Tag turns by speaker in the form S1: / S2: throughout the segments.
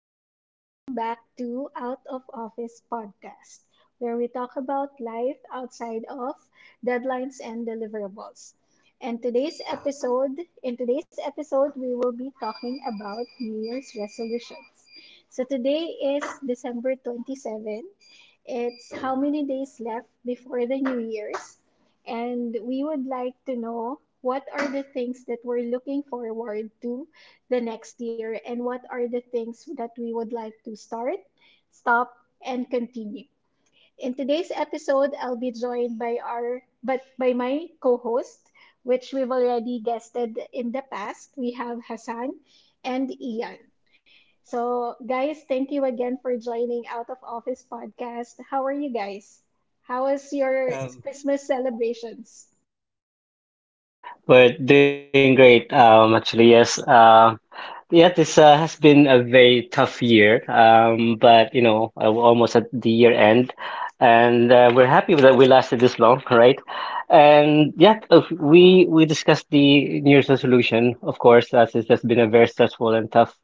S1: and welcome back to Out of Office Podcast, where we talk about life outside of deadlines and deliverables. In today's episode, we will be talking about New Year's resolutions. So today is December 27. It's how many days left before the New Year's, and we would like to know what are the things that we're looking forward to the next year and what are the things that we would like to start, stop, and continue. In today's episode, I'll be joined by our but by my co-host, which we've already guested in the past. We have Hassan and Ian. So, guys, thank you again for joining Out of Office podcast. How are you guys? How was your
S2: Um,
S1: Christmas celebrations?
S2: we're doing great. Yes. Yeah, this has been a very tough year. But you know, we're almost at the year end, and we're happy that we lasted this long, right? And yeah, we discussed the New Year's resolution, of course, as it has been a very stressful and tough,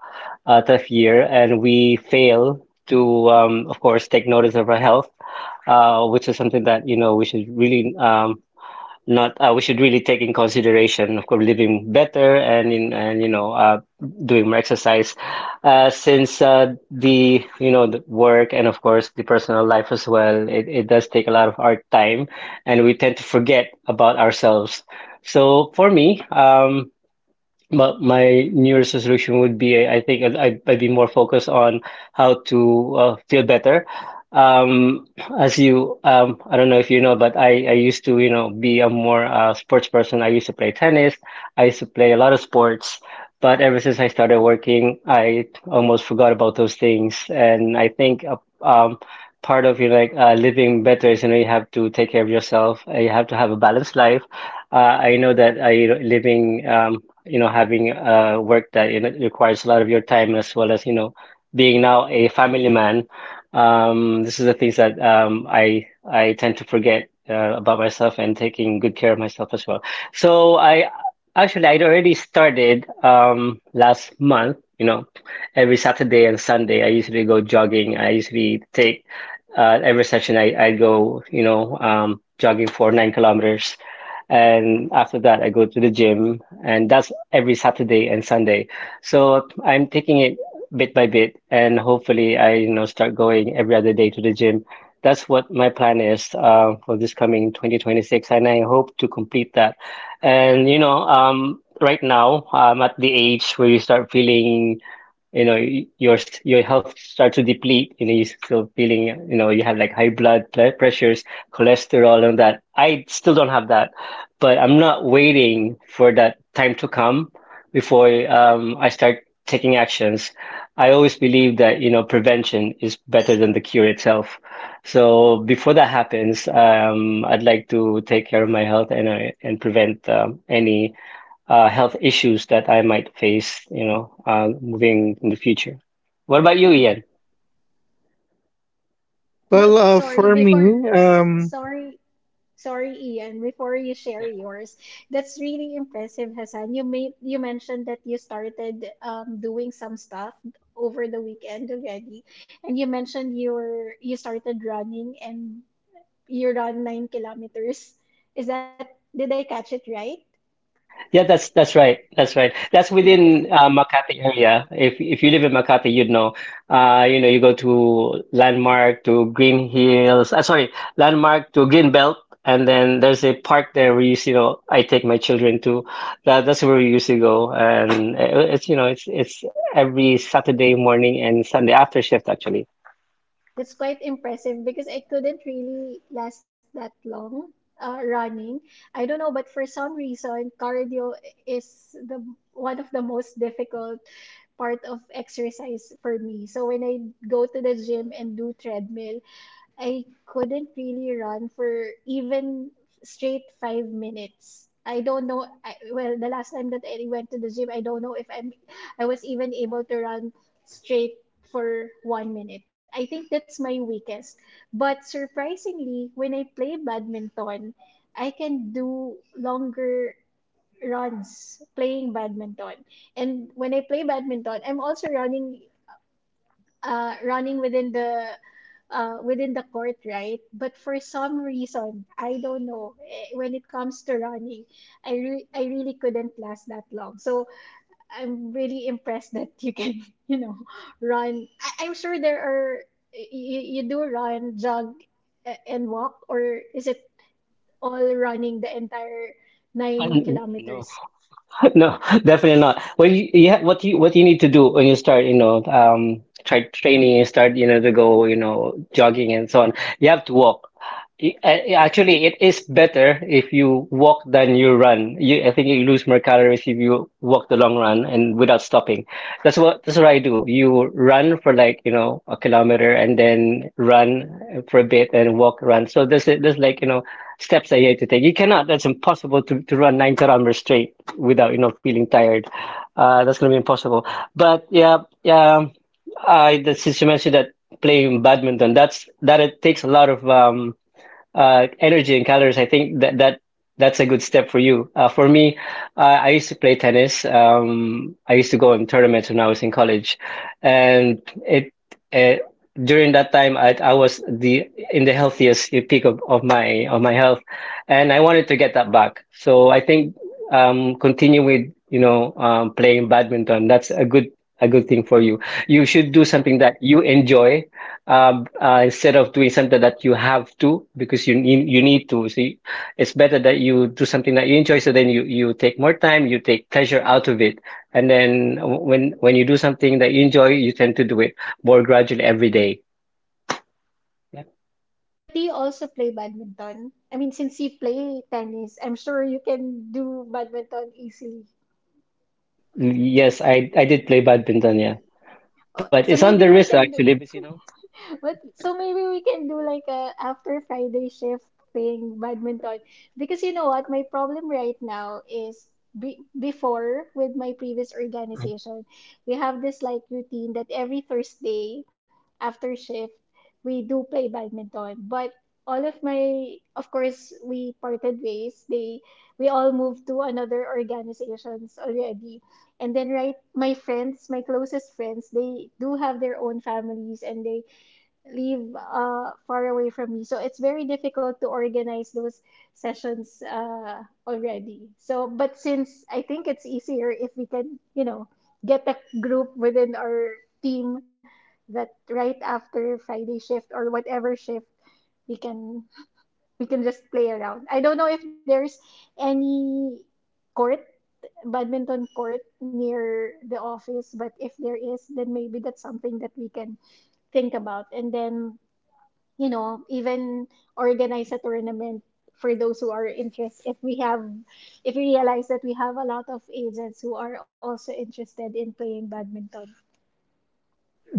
S2: uh, tough year, and we fail to, of course, take notice of our health, which is something that you know we should really, not we should really take in consideration, of course, living better and in and you know, doing more exercise, since the you know the work and of course the personal life as well, it does take a lot of our time, and we tend to forget about ourselves. So for me, but my New Year's resolution would be, I think I'd be more focused on how to feel better. Um, as you, I don't know if you know, but I used to, you know, be a more sports person. I used to play tennis. I used to play a lot of sports. But ever since I started working, I almost forgot about those things. And I think, um, part of you know, like living better is, you know, you have to take care of yourself. You have to have a balanced life. I know that I living, you know, having work that you know requires a lot of your time, as well as, you know, being now a family man. This is the things that, I tend to forget about myself and taking good care of myself as well. So I actually I'd already started, last month. You know, every Saturday and Sunday I usually go jogging. I usually take Every session I go, you know, jogging for 9 kilometers. And after that, I go to the gym, and that's every Saturday and Sunday. So I'm taking it bit by bit, and hopefully I, you know, start going every other day to the gym. That's what my plan is for this coming 2026, and I hope to complete that. And you know, right now I'm at the age where you start feeling, you know, your health starts to deplete. You know, you're still feeling, you know, you have like high blood pressures, cholesterol, and that I still don't have that, but I'm not waiting for that time to come before, I start taking actions. I always believe that you know prevention is better than the cure itself. So before that happens, I'd like to take care of my health, and I and prevent, any health issues that I might face, you know, moving in the future. What about you, Ian?
S1: Oh,
S3: Well,
S1: but
S3: uh,
S1: sorry,
S3: for
S1: before
S3: me,
S1: so,
S3: um,
S1: sorry, Sorry, Ian, before you share
S2: Yeah,
S1: yours, that's really impressive, Hassan. You mentioned that you started doing some stuff over the weekend already, and you mentioned you started running and you run 9 kilometers. Is that did I catch it right?
S2: yeah, that's right. That's right. That's within Makati area. If you live in Makati, you'd know. You know, you go to Landmark to Green Hills. Sorry, Landmark to Green Belt, and then there's a park there where you see. You know, I take my children to. That's where we usually go, and it's you know, it's every Saturday morning and Sunday after shift, actually.
S1: That's quite impressive because I couldn't really last that long running. I don't know, but for some reason, cardio is the one of the most difficult part of exercise for me. So when I go to the gym and do treadmill, I couldn't really run for even straight 5 minutes. I don't know. Well, the last time that I went to the gym, I don't know if I'm, I was even able to run straight for 1 minute. I think that's my weakest. But surprisingly, when I play badminton, I can do longer runs playing badminton. And when I play badminton, I'm also running uh, running within the within the court, right? But for some reason, I don't know. When it comes to running, I really couldn't last that long. So I'm really impressed that you can, you know, run. I'm sure there are you do run, jog, and walk, or is it all running the entire
S2: I,
S1: nine
S2: no,
S1: kilometers?
S2: No, definitely not. What you need to do when you start, you know, try training, you start, you know, to go, you know, jogging and so on. You have to walk. I- Actually, it is better if you walk than you run. I think you lose more calories if you walk the long run and without stopping. That's what I do. You run for like, you know, a kilometer and then run for a bit and walk, run. So there's like, you know, steps that you have to take. You cannot. That's impossible to run 9 kilometers straight without you know feeling tired. That's gonna be impossible. But yeah, yeah. I since you mentioned that playing badminton, that it takes a lot of energy and calories, I think that that's a good step for you. For me, I used to play tennis. I used to go in tournaments when I was in college, and it, it during that time I was the in the healthiest peak of my health, and I wanted to get that back. So I think, continue with you know, playing badminton. That's a good, a good thing for you. You should do something that you enjoy, instead of doing something that you have to because you need to. So you, it's better that you do something that you enjoy. So then you take more time, you take pleasure out of it, and then when you do something that you enjoy, you tend to do it more gradually every day. Yeah.
S1: But do you also play badminton? I mean, since you play tennis, I'm sure you can do badminton easily.
S2: Yes, I did play badminton. Yeah,
S1: Oh,
S2: but
S1: so
S2: it's on
S1: maybe
S2: the
S1: we
S2: wrist
S1: can.
S2: actually, because you know.
S1: But so maybe we can do like a after Friday shift thing, badminton. Because you know what, my problem right now is be before with my previous organization, we have this like routine that every Thursday after shift we do play badminton. But all of my, of course, we parted ways. We all moved to another organizations already. And then, right, my friends, my closest friends, they do have their own families and they live far away from me. So it's very difficult to organize those sessions already. So, but since I think it's easier if we can, you know, get a group within our team that right after Friday shift or whatever shift, we can we can just play around. I don't know if there's any court, badminton court near the office, but if there is, then maybe that's something that we can think about. And then you know, even organize a tournament for those who are interested. If we realize that we have a lot of agents who are also interested in playing badminton.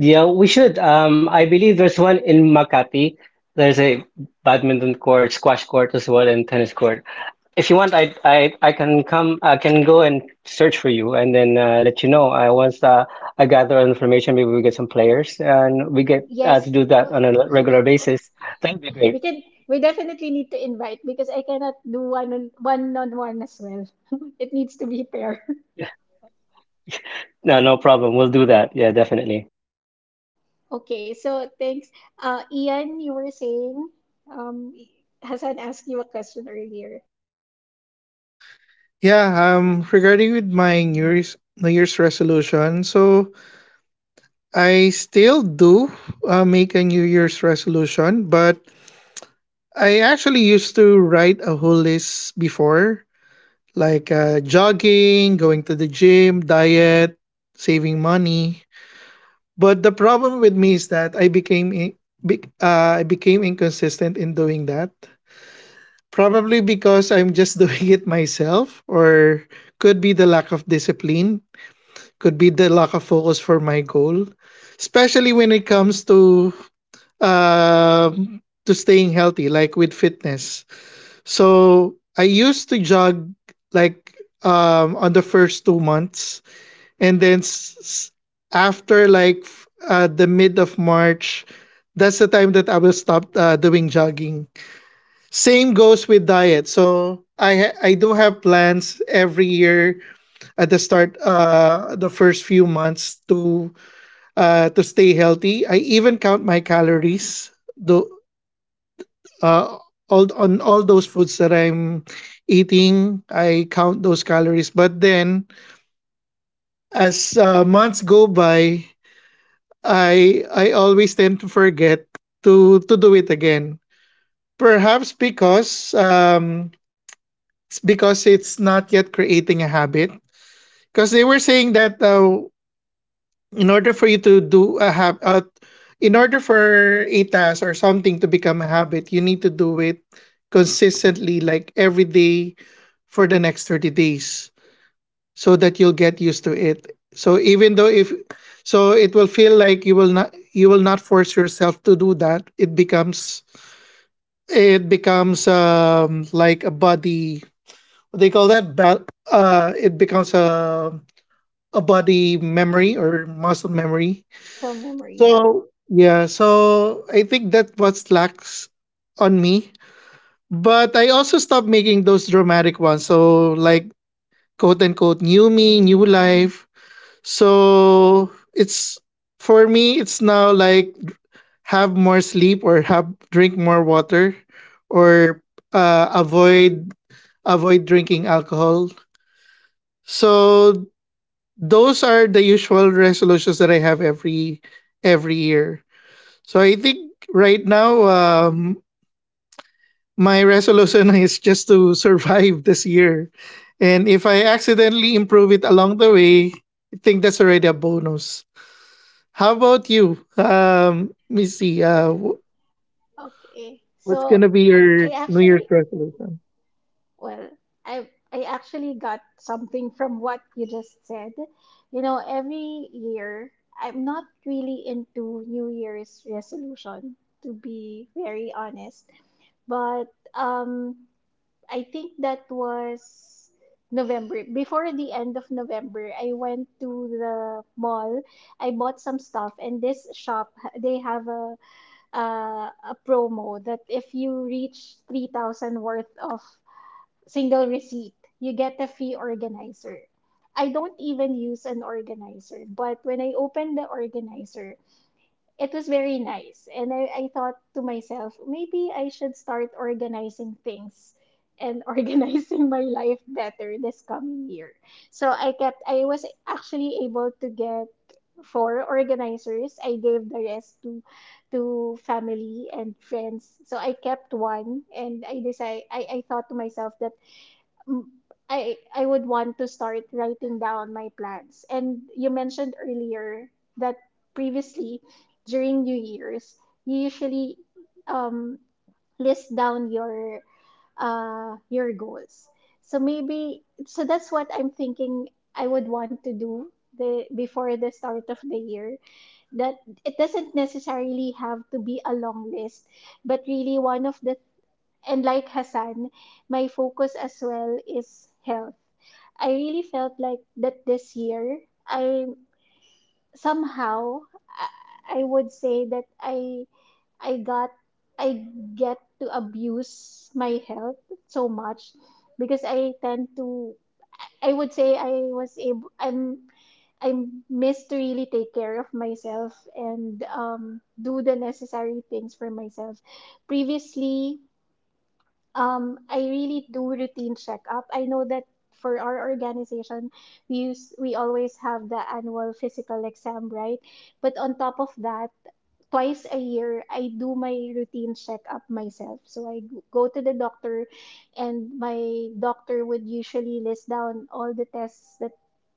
S2: Yeah, we should. I believe there's one in Makati. There's a badminton court, squash court as well, and tennis court. If you want, I can come. I can go and search for you, and then let you know. I once I gather information, maybe we get some players, and we get to
S1: Yes,
S2: do that
S1: w-
S2: on a regular basis. That'd be
S1: we
S2: great.
S1: can. We definitely need to invite because I cannot do one on one as well. It needs to be pair.
S2: No, no problem. We'll do that. Yeah, definitely.
S1: Okay, so thanks, Ian. You were saying, um, Hassan asked you a question earlier.
S3: yeah, regarding with my New Year's resolution, so I still do make a New Year's resolution, but I actually used to write a whole list before, like jogging, going to the gym, diet, saving money. But the problem with me is that I became inconsistent in doing that. Probably because I'm just doing it myself, or could be the lack of discipline, could be the lack of focus for my goal, especially when it comes to staying healthy, like with fitness. So I used to jog like on the first 2 months, and then after like the mid of March, that's the time that I will stop doing jogging. Same goes with diet. So I do have plans every year at the start, the first few months, to stay healthy. I even count my calories, though, uh all those foods that I'm eating. I count those calories. But then, as months go by, I always tend to forget to do it again. Perhaps because it's because it's not yet creating a habit. Because they were saying that, in order for you to do a habit, in order for a task or something to become a habit, you need to do it consistently, like every day for the next 30 days, so that you'll get used to it. So even though, if so, it will feel like you will not force yourself to do that. It becomes like a body, what they call that, it becomes a body memory or muscle memory.
S1: Muscle memory. Yep.
S3: So yeah, so I think that what lacks on me. But I also stopped making those dramatic ones, so like, quote unquote, new me, new life. So it's for me, it's now like have more sleep, or have, drink more water, or uh, avoid avoid drinking alcohol. So those are the usual resolutions that I have every year. So I think right now, my resolution is just to survive this year, and if I accidentally improve it along the way, I think that's already a bonus. How about you, Missy?
S1: Okay,
S3: What's
S1: so
S3: gonna be
S1: I
S3: your New
S1: actually
S3: Year's resolution?
S1: well, I actually got something from what you just said. You know, every year I'm not really into New Year's resolution, to be very honest. But I think that was November. Before the end of November, I went to the mall. I bought some stuff, and this shop they have a promo that if you reach 3,000 worth of single receipt. You get a fee organizer. I don't even use an organizer, but when I opened the organizer, it was very nice. And I thought to myself, maybe I should start organizing things and organizing my life better this coming year. I was actually able to get four organizers. I gave the rest to family and friends. So I kept one and I thought to myself that m- I would want to start writing down my plans. And you mentioned earlier that previously during New Year's, you usually um list down your goals. So that's what I'm thinking I would want to do the before the start of the year. That it doesn't necessarily have to be a long list, but really one of the and like Hassan, my focus as well is health. I really felt like that this year I somehow I would say that I got I get to abuse my health so much because I tend to I would say I was able I'm I miss to really take care of myself and do the necessary things for myself. Previously, I really do routine checkup. I know that for our organization, we always have the annual physical exam, right? But on top of that, twice a year I do my routine checkup myself. So go to the doctor and my doctor would usually list down all the tests that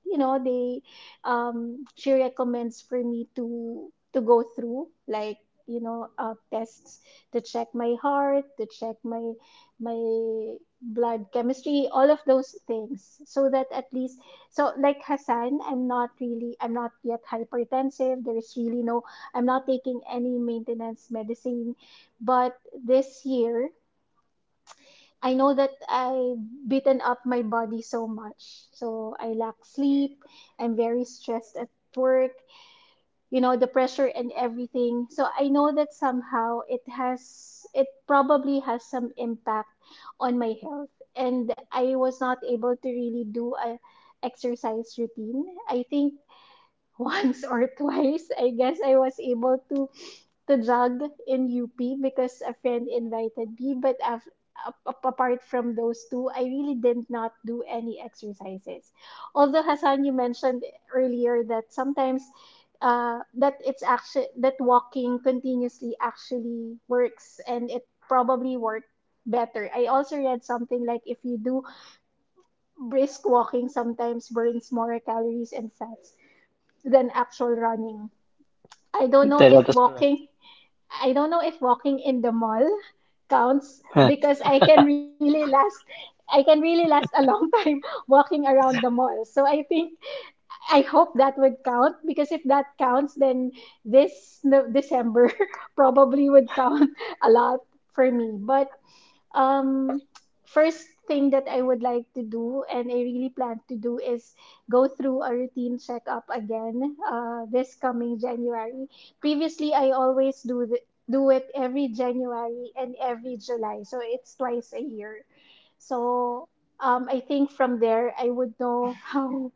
S1: you know they she recommends for me to go through like you know tests to check my heart to check my blood chemistry all of those things so that at least so like Hassan I'm not really I'm not yet hypertensive there's really no. I'm not taking any maintenance medicine. But this year, I know that I've beaten up my body so much. So I lack sleep. I'm very stressed at work, you know, the pressure and everything. So I know that somehow it probably has some impact on my health. And I was not able to really do a exercise routine. I think once or twice, I guess I was able to jog in UP because a friend invited me. But af- ap- ap- apart from those two, I really did not do any exercises. Although Hassan, you mentioned earlier that sometimes that it's actually that walking continuously actually works, and it probably worked better. I also read something like if you do brisk walking, sometimes burns more calories and fats than actual running. I don't know
S2: That, that
S1: if
S2: is correct.
S1: walking I don't know if walking in the mall counts because I can really last a long time walking around the mall. So I think I hope that would count because if that counts then this no, December probably would count a lot for me. But um, first thing that I would like to do, and I really plan to do, is go through a routine checkup again this coming January. Previously, I always do the, do it every January and every July, so it's twice a year. So I think from there, I would know how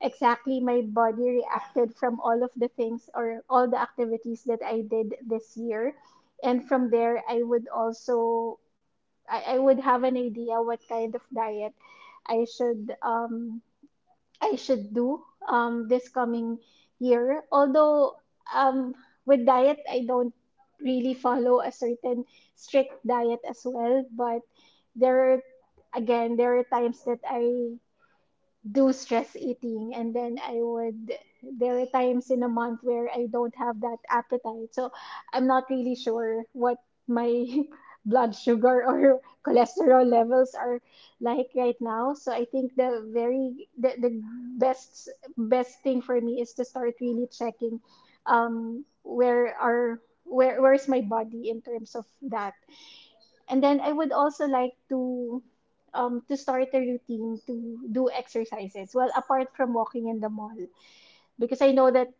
S1: exactly my body reacted from all of the things or all the activities that I did this year. And from there, I would also I would have an idea what kind of diet I should um I should do this coming year. Although um with diet I don't really follow a certain strict diet as well, but there are again there are times that I do stress eating and then I would there are times in a month where I don't have that appetite. So I'm not really sure what my blood sugar or cholesterol levels are like right now. So I think the best best thing for me is to start really checking where are where's my body in terms of that and then I would also like to start a routine to do exercises. Well, apart from walking in the mall, because I know that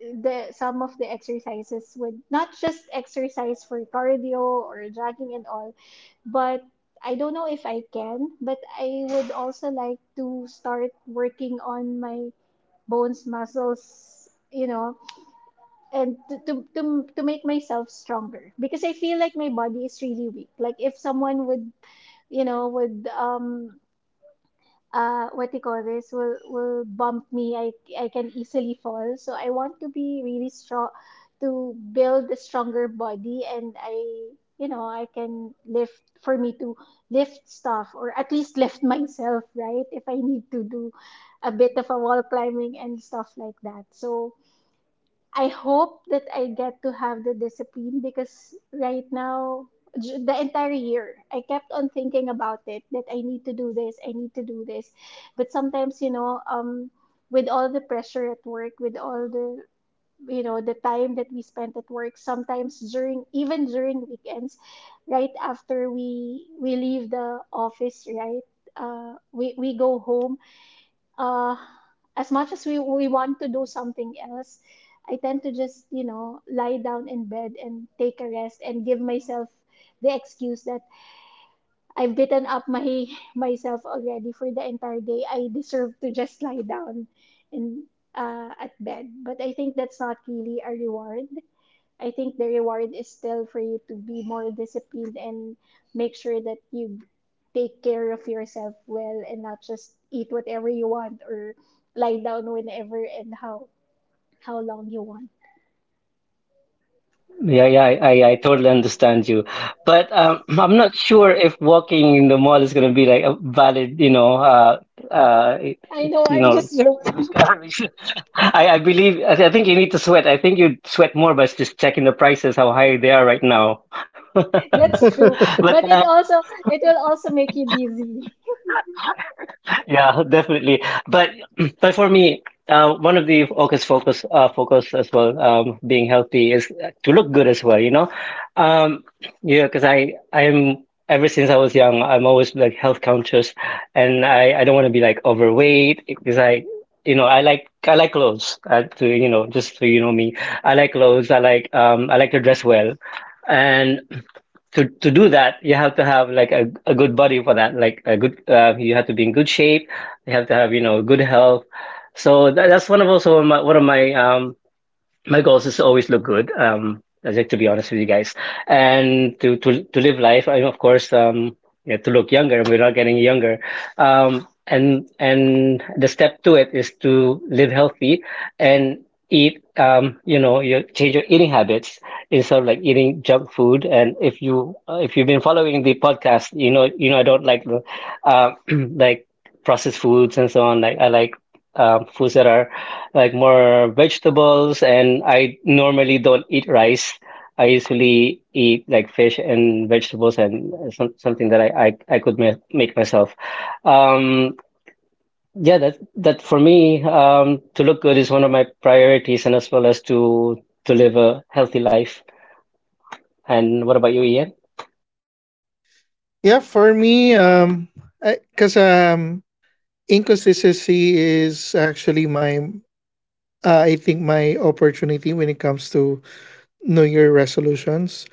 S1: the some of the exercises would not just exercise for cardio or jogging and all, but I don't know if I can, but I would also like to start working on my bones, muscles, you know, and to make myself stronger because I feel like my body is really weak. Like if someone would you know, would what do you call this will bump me. I can easily fall. So I want to be really strong to build a stronger body and I you know I can lift for me to lift stuff or at least lift myself, right? If I need to do a bit of a wall climbing and stuff like that. So I hope that I get to have the discipline because right now, the entire year, I kept on thinking about it that I need to do this, I need to do this. But sometimes, you know, with all the pressure at work, with all the you know the time that we spent at work sometimes during even during weekends right after we leave the office, right? We go home. uh, as much as we want to do something else, I tend to just, you know, lie down in bed and take a rest and give myself the excuse that I've beaten up my myself already for the entire day. I deserve to just lie down in at bed. But I think that's not really a reward. I think the reward is still for you to be more disciplined and make sure that you take care of yourself well and not just eat whatever you want or lie down whenever and how long you want.
S2: Yeah, yeah, I totally understand you. But I'm not sure if walking in the mall is going to be like a valid,
S1: I know
S2: you
S1: I'm
S2: know,
S1: just joking.
S2: discovery. I believe, I think you need to sweat. I think you'd sweat more by just checking the prices, how high they are right now.
S1: That's true.
S2: But
S1: But it will also make you dizzy.
S2: yeah, definitely. But but for me, one of the focus as well, being healthy is to look good as well, you know. Um, yeah, because I I'm ever since I was young, I'm always like health conscious, and I don't want to be like overweight because I you know I like clothes to you know, just so you know me, I like clothes. I like, I like to dress well, and to do that, you have to have like a good body for that. Like a good, you have to be in good shape. You have to have you know good health. So that's one of also my, one of my my goals is to always look good. I like to be honest with you guys, and to live life. I of course, yeah, to look younger. We're not getting younger. And the step to it is to live healthy and eat. You know, you change your eating habits instead of like eating junk food. And if you if you've been following the podcast, you know I don't like the uh, like processed foods and so on. Like I like, foods that are like more vegetables, and I normally don't eat rice. I usually eat like fish and vegetables and some, something that I could ma make myself. Um, yeah, that that for me, to look good is one of my priorities, and as well as to live a healthy life. And what about you, Ian?
S3: Yeah, for me, because inconsistency is actually my I think my opportunity when it comes to New Year resolutions.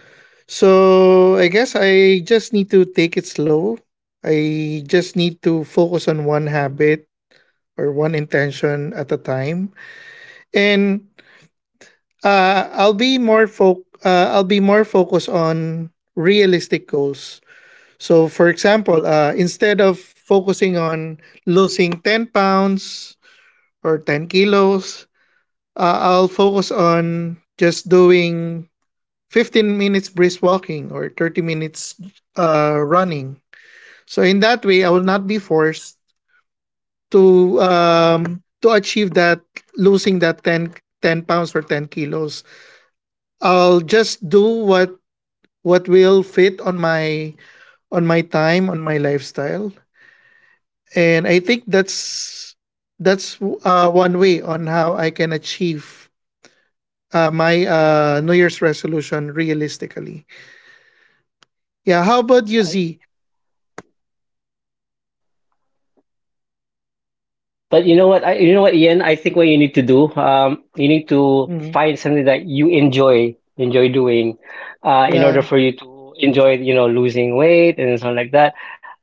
S3: So I guess I just need to take it slow. I just need to focus on one habit or one intention at a time, and I'll be more focused on realistic goals. So, for example, instead of focusing on losing 10 pounds or 10 kilos, I'll focus on just doing 15 minutes brisk walking or 30 minutes running. So in that way, I will not be forced to achieve that, losing that ten pounds or 10 kilos. I'll just do what will fit on my time, on my lifestyle, and I think that's one way on how I can achieve my New Year's resolution realistically. Yeah. How about
S2: Yeah.
S3: you, Z?
S2: But you know what? You know what, Ian? I think what you need to do, you need to
S3: Mm.
S2: find something that you enjoy, enjoy doing, in order
S3: Yeah.
S2: for you to enjoy, you know, losing weight and stuff like that.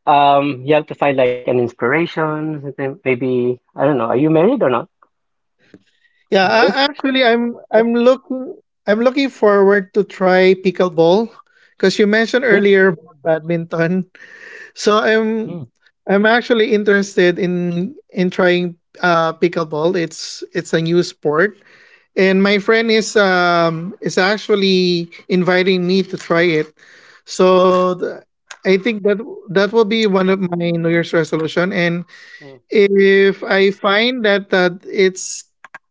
S2: You have to find like an inspiration, something- maybe, I don't know, are you married or not?
S3: Yeah,
S2: Married?
S3: actually,
S2: Yeah.
S3: I'm looking forward to try pickleball because you mentioned
S2: Mm,
S3: earlier about badminton. So I'm
S2: mm,
S3: I'm actually interested in trying pickleball. It's a new sport, and my friend is actually inviting me to try it. So I think that will be one of my New Year's resolution, and
S2: mm.
S3: if I find that it's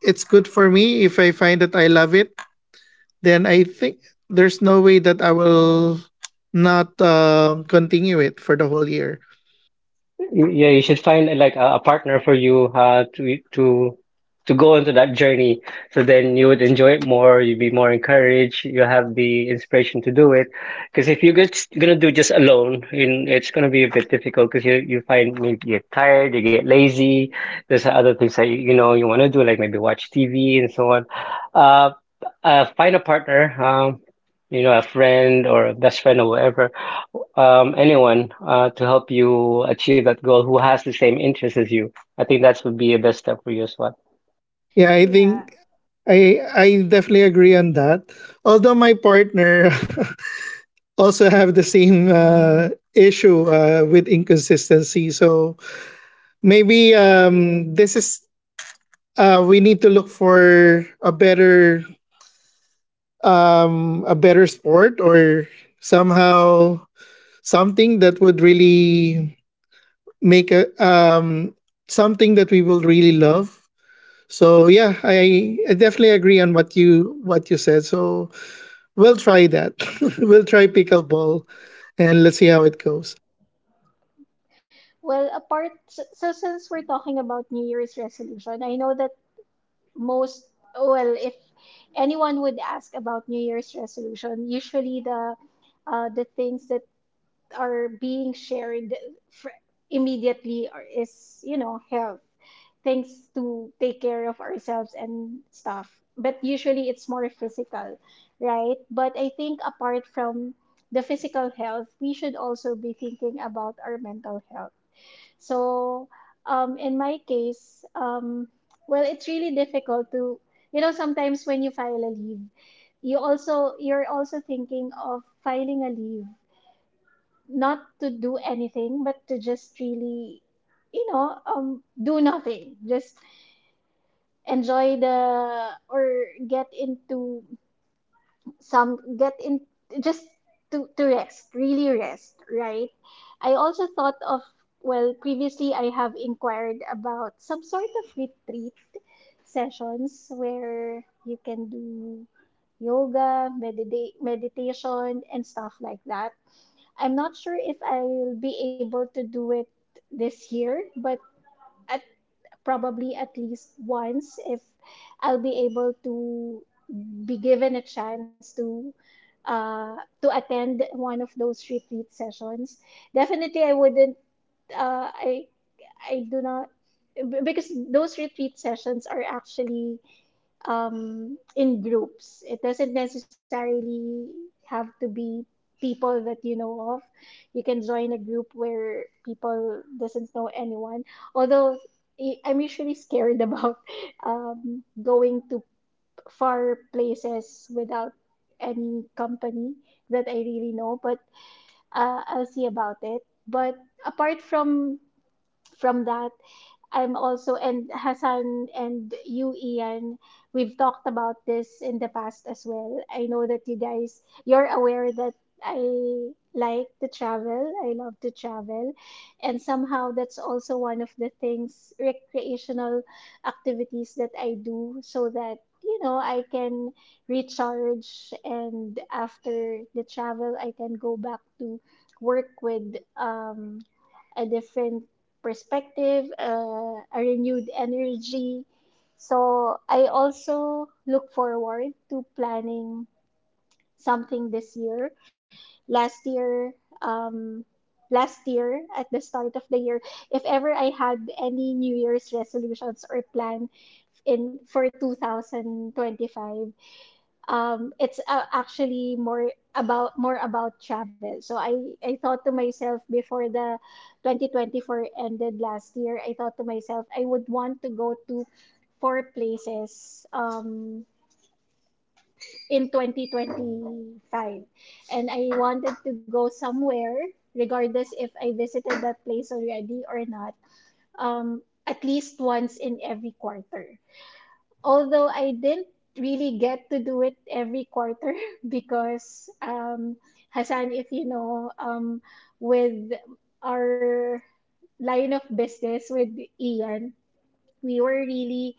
S3: it's good for me, if I find that I love it, then I think there's no way that I will not continue it for the whole year.
S2: Yeah, you should find like a partner for you to go into that journey. So then you would enjoy it more. You'd be more encouraged. You have the inspiration to do it. Because if you're just gonna do just alone, in it's gonna be a bit difficult. Because you find maybe you get tired, you get lazy. There's other things that you know you want to do, like maybe watch TV and so on. Uh, Find a partner. You know, a friend or a best friend or whatever, anyone to help you achieve that goal who has the same interests as you. I think that would be a best step for you as well.
S3: Yeah, I think I definitely agree on that. Although my partner also have the same issue with inconsistency, so maybe, this is, we need to look for a better, a better sport, or somehow something that would really make a something that we will really love. So yeah, I definitely agree on what you said. So we'll try that. We'll try pickleball, and let's see how it goes.
S1: Well, so since we're talking about New Year's resolution, I know that most well if anyone would ask about New Year's resolution, usually the things that are being shared fr- immediately, or is you know have things to take care of ourselves and stuff, but usually it's more physical, right? But I think apart from the physical health we should also be thinking about our mental health. So in my case, well, it's really difficult to, you know, sometimes when you file a leave, you also you're also thinking of filing a leave not to do anything, but to just really, you know, do nothing. Just enjoy the or get into some get in just to rest, really rest, right? I also thought of, well, previously I have inquired about some sort of retreat sessions where you can do yoga, meditation, and stuff like that. I'm not sure if I'll be able to do it this year, but at probably at least once, if I'll be able to be given a chance to attend one of those retreat sessions. Definitely, I wouldn't. I I do not, because those retreat sessions are actually in groups. It doesn't necessarily have to be people that you know of. You can join a group where people doesn't know anyone. Although I'm usually scared about going to far places without any company that I really know. But I'll see about it. But apart from that, I'm also, and Hassan and you, Ian, we've talked about this in the past as well. I know that you guys, you're aware that I like to travel. I love to travel. And somehow that's also one of the things, recreational activities that I do so that, you know, I can recharge, and after the travel, I can go back to work with, a different perspective, a renewed energy. So I also look forward to planning something this year. Last year, um, last year at the start of the year, if ever I had any New Year's resolutions or plan in for 2025, it's actually more about travel. So I thought to myself before the 2024 ended last year, I thought to myself I would want to go to 4 places, in 2025. And I wanted to go somewhere regardless if I visited that place already or not. At least once in every quarter. Although I didn't really get to do it every quarter because, Hassan, if you know, with our line of business with Ian, we were really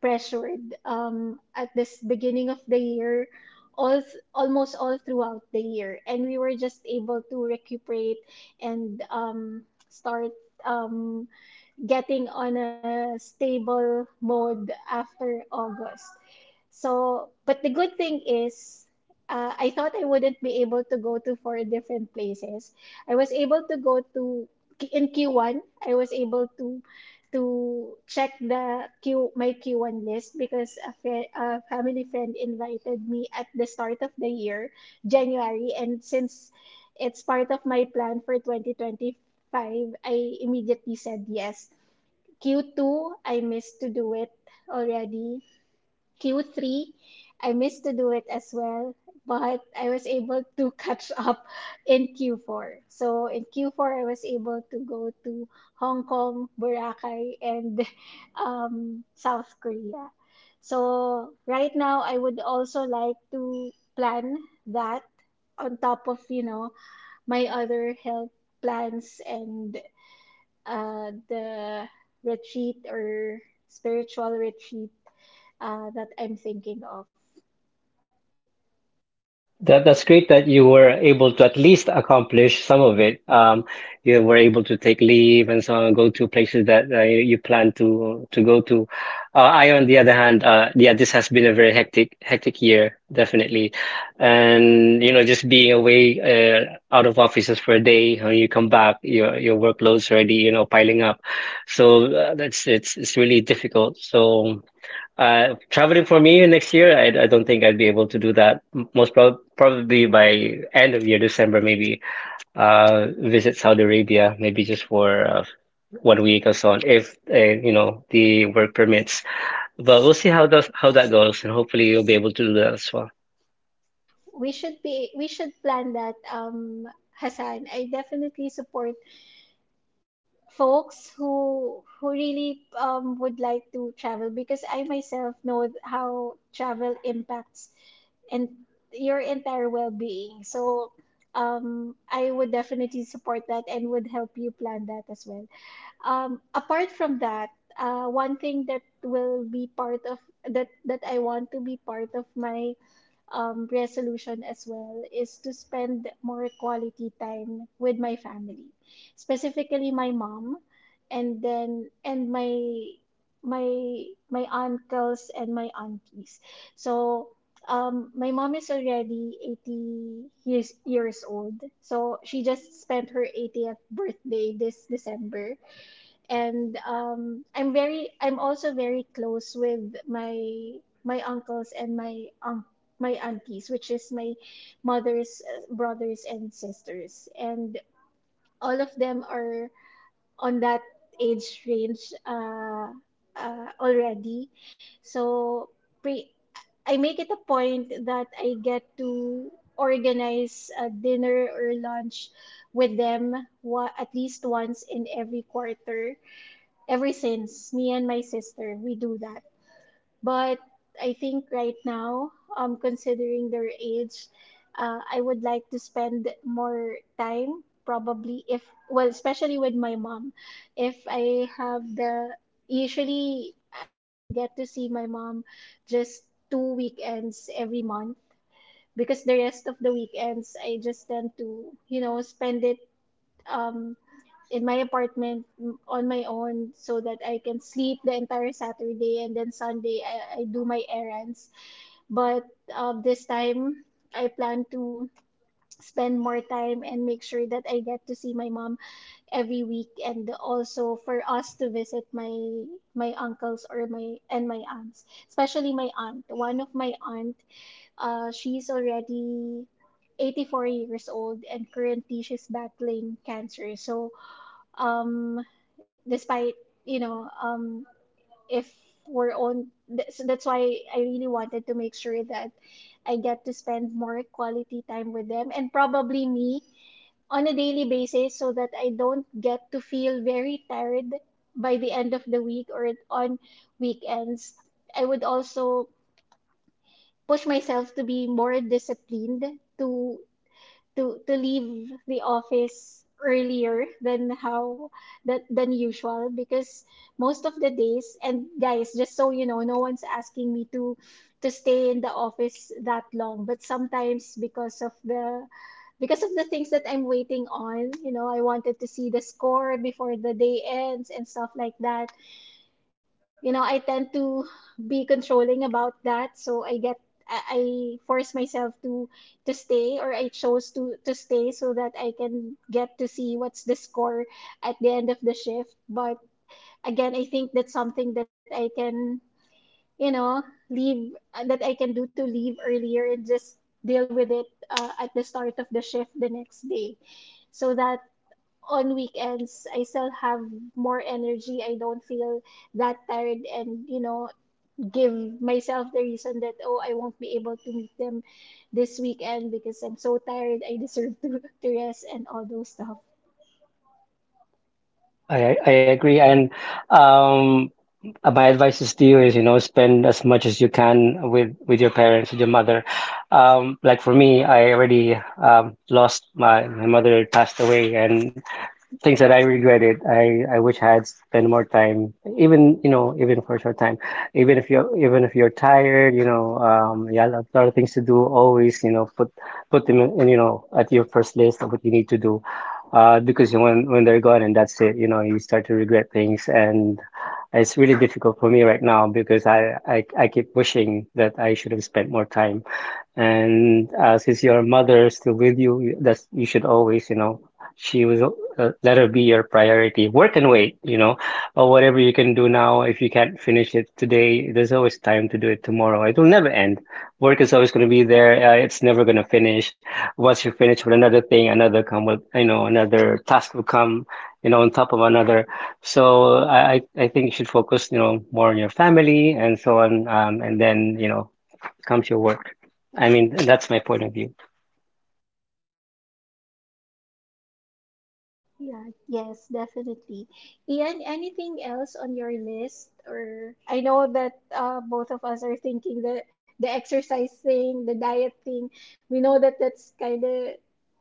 S1: pressured, at this beginning of the year, almost all throughout the year, and we were just able to recuperate and start, um, getting on a stable mode after August. So, but the good thing is, I thought I wouldn't be able to go to 4 different places. I was able to go to in Q1. I was able to check the Q my Q1 list because a family friend invited me at the start of the year, January, and since it's part of my plan for 2025, I immediately said yes. Q2, I missed to do it already. Q3, I missed to do it as well, but I was able to catch up in Q4. So in Q4, I was able to go to Hong Kong, Boracay, and South Korea. So right now, I would also like to plan that on top of, you know, my other health plans and the retreat or spiritual retreat that I'm thinking of.
S2: That's great that you were able to at least accomplish some of it. You were able to take leave and so on, go to places that you plan to go to. I, on the other hand, yeah, this has been a very hectic year, definitely, and you know, just being away out of offices for a day, when you come back, your workload's already you know piling up, so that's it's really difficult. Traveling for me next year, I don't think I'd be able to do that. Most probably by end of year, December, maybe visit Saudi Arabia, maybe just for one week or so on, if you know the work permits. But we'll see how that goes, and hopefully you'll be able to do that as well.
S1: We should plan that, Hassan. I definitely support folks who really, would like to travel, because I myself know how travel impacts and your entire well-being. So I would definitely support that and would help you plan that as well. Apart from that, one thing that will be part of that I want to be part of my resolution as well is to spend more quality time with my family, specifically my mom, and then and my my my uncles and my aunties. So my mom is already 80 years, years old. So she just spent her 80th birthday this December. And I'm also very close with my my uncles and my my aunties, which is my mother's brothers and sisters, and all of them are on that age range, already. So pre I make it a point that I get to organize a dinner or lunch with them at least once in every quarter. Ever since me and my sister, we do that. But I think right now, considering their age, I would like to spend more time, probably if well, especially with my mom, if I have the, usually I get to see my mom just 2 weekends every month because the rest of the weekends I just tend to, you know, spend it um in my apartment on my own, so that I can sleep the entire Saturday, and then Sunday I do my errands. But this time I plan to spend more time and make sure that I get to see my mom every week, and also for us to visit my my uncles or my aunts, especially my aunt. One of my aunt, she's already 84 years old and currently she's battling cancer. So um despite, you know, if so that's why I really wanted to make sure that I get to spend more quality time with them, and probably me on a daily basis, so that I don't get to feel very tired by the end of the week or on weekends. I would also push myself to be more disciplined to to leave the office earlier than how that than usual, because most of the days, and guys, just so you know, no one's asking me to stay in the office that long, but sometimes because of the things that I'm waiting on, you know, I wanted to see the score before the day ends and stuff like that. You know, I tend to be controlling about that, so I get I I force myself to stay, or I chose to stay so that I can get to see what's the score at the end of the shift. But again, I think that's something that I can, you know, leave that I can do to leave earlier and just deal with it at the start of the shift the next day. So that on weekends I still have more energy. I don't feel that tired, and, you know, give myself the reason that, oh, I won't be able to meet them this weekend because I'm so tired, I deserve to, to rest and all those stuff.
S2: I agree, and um, my advice is to you is you know spend as much as you can with your parents, with your mother. Like for me, I already lost my mother passed away, and things that I regretted. I wish I had spent more time, even you know, even for a short time. Even if you're tired, you know, you have a lot of things to do. Always, you know, put them in, you know, at your first list of what you need to do, because when they're gone and that's it, you know, you start to regret things, and it's really difficult for me right now because I keep wishing that I should have spent more time and since your mother is still with you, that's you should always, you know, she was let her be your priority. Work and wait, you know, or whatever you can do now. If you can't finish it today, there's always time to do it tomorrow. It will never end. Work is always going to be there. It's never going to finish. Once you finish with another thing, another come with, you know, another task will come, you know, on top of another. So I think you should focus, you know, more on your family and so on, and then, you know comes your work. I mean, that's my point of view.
S1: Yeah, yes, definitely. Ian, anything else on your list? Or I know that both of us are thinking the exercise thing, the diet thing. We know that that's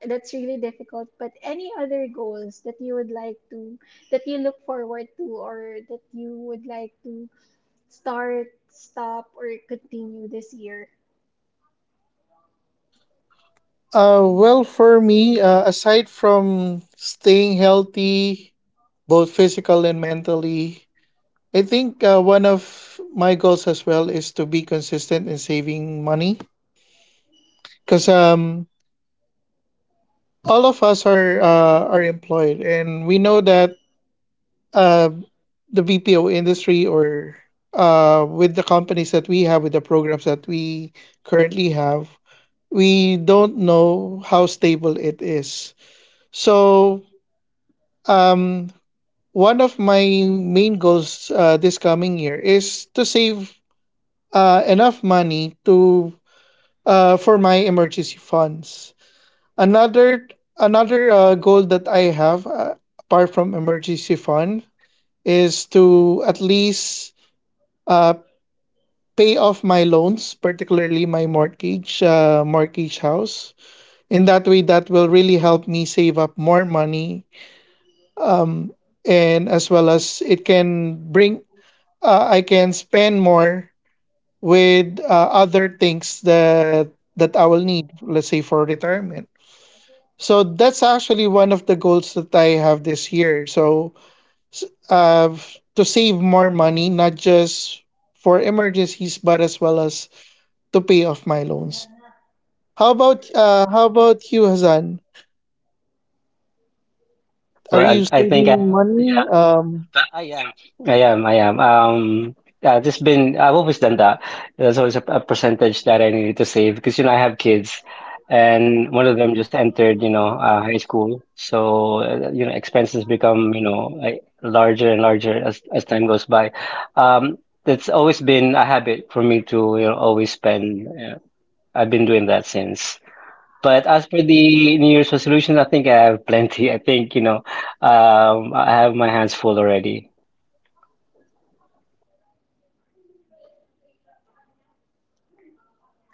S1: that's really difficult, but any other goals that you would like to, that you would like to start, stop, or continue this year?
S3: Well, for me, aside from staying healthy, both physical and mentally, I think one of my goals as well is to be consistent in saving money, because all of us are employed, and we know that, uh, the BPO industry, or, with the companies that we have, with the programs that we currently have, we don't know how stable it is. So, um, one of my main goals, this coming year, is to save enough money to for my emergency funds. Another another goal that I have, apart from emergency fund, is to at least uh, pay off my loans, particularly my mortgage house. In that way, that will really help me save up more money, um, and as well, as it can bring I can spend more with other things that I will need, let's say for retirement. So that's actually one of the goals that I have this year. So s- to save more money, not just for emergencies, but as well as to pay off my loans. How about you, Hazan? Are
S2: But
S3: you
S2: I think I
S3: saving
S2: have,
S3: money?
S2: yeah, that- I am. I am, I am. Yeah, just been, I've always done that. There's always a percentage that I needed to save because, you know, I have kids and one of them just entered, you know, high school. So, you know, expenses become, you know, like larger and larger as time goes by. Um, it's always been a habit for me to, you know, always spend. I've been doing that since. But as for the New Year's resolutions, I think I have plenty. I think, you know, I have my hands full already.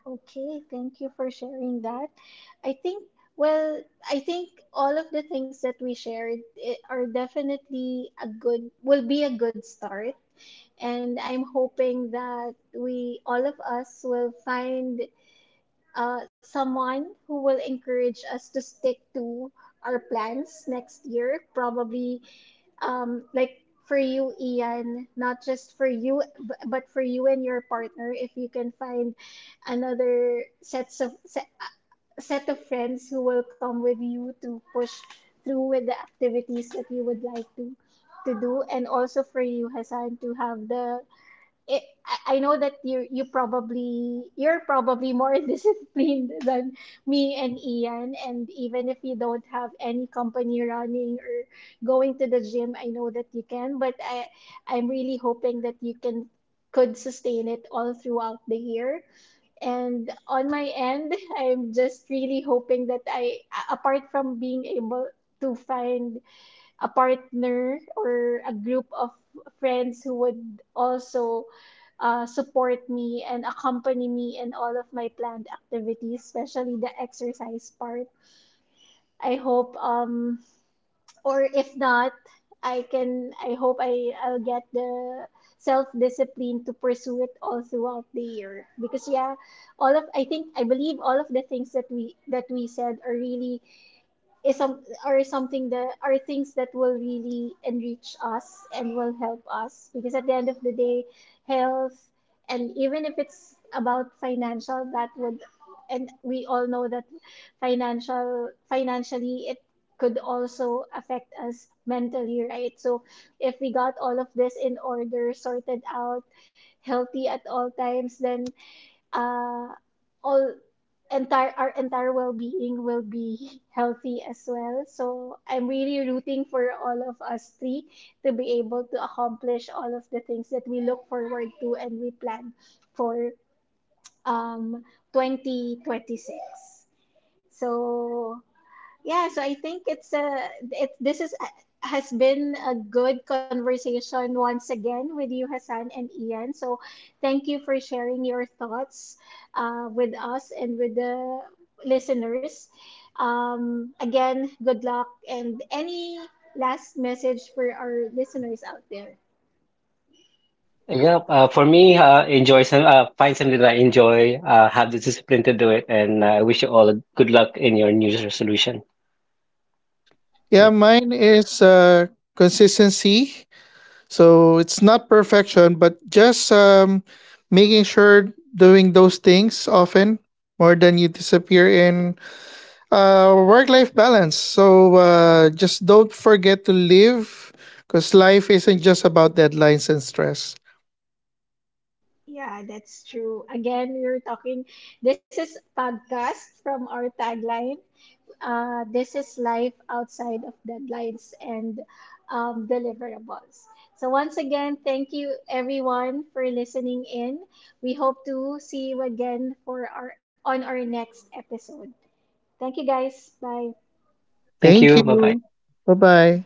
S1: Okay, thank you for sharing that. I think, well, I think all of the things that we shared, are definitely a good, will be a good start. And I'm hoping that we, all of us, will find someone who will encourage us to stick to our plans next year. Probably like for you, Ian, not just for you, but for you and your partner, if you can find another sets of set, set of friends who will come with you to push through with the activities that you would like to do, and also for you, Hassan, to have I know that you probably you're probably more disciplined than me and Ian, and even if you don't have any company running or going to the gym, I know that you can. But I'm really hoping that you can could sustain it all throughout the year. And on my end, I'm just really hoping that I apart from being able to find a partner or a group of friends who would also support me and accompany me in all of my planned activities, especially the exercise part. I hope, or if not, I can. I hope I'll get the self discipline to pursue it all throughout the year. Because yeah, all of I think I believe all of the things that we said are really is some are something that are things that will really enrich us and will help us, because at the end of the day, health, and even if it's about financial that would, and we all know that financially it could also affect us mentally, right? So if we got all of this in order, sorted out, healthy at all times, then uh all entire our entire well-being will be healthy as well. So I'm really rooting for all of us three to be able to accomplish all of the things that we look forward to and we plan for um 2026. So yeah, so I think it's a it this is has been a good conversation once again with you, Hassan and Ian. So thank you for sharing your thoughts with us and with the listeners. Again, good luck, and any last message for our listeners out there.
S2: Yeah, for me, enjoy some, find something that I enjoy, have the discipline to do it, and I wish you all good luck in your New Year's resolution.
S3: Yeah,
S2: Yeah.
S3: mine is consistency. So it's not perfection, but just making sure doing those things often more than you disappear in work life balance. So just don't forget to live, because life isn't just about deadlines and stress.
S1: Yeah, that's true. Again, we are talking. This is podcast from our tagline. This is life outside of deadlines and, deliverables. So, once again, thank you everyone for listening in. We hope to see you again for our next episode. Thank you guys. Bye.
S2: Thank
S3: Thank
S2: you, bye bye.
S3: you. Bye bye.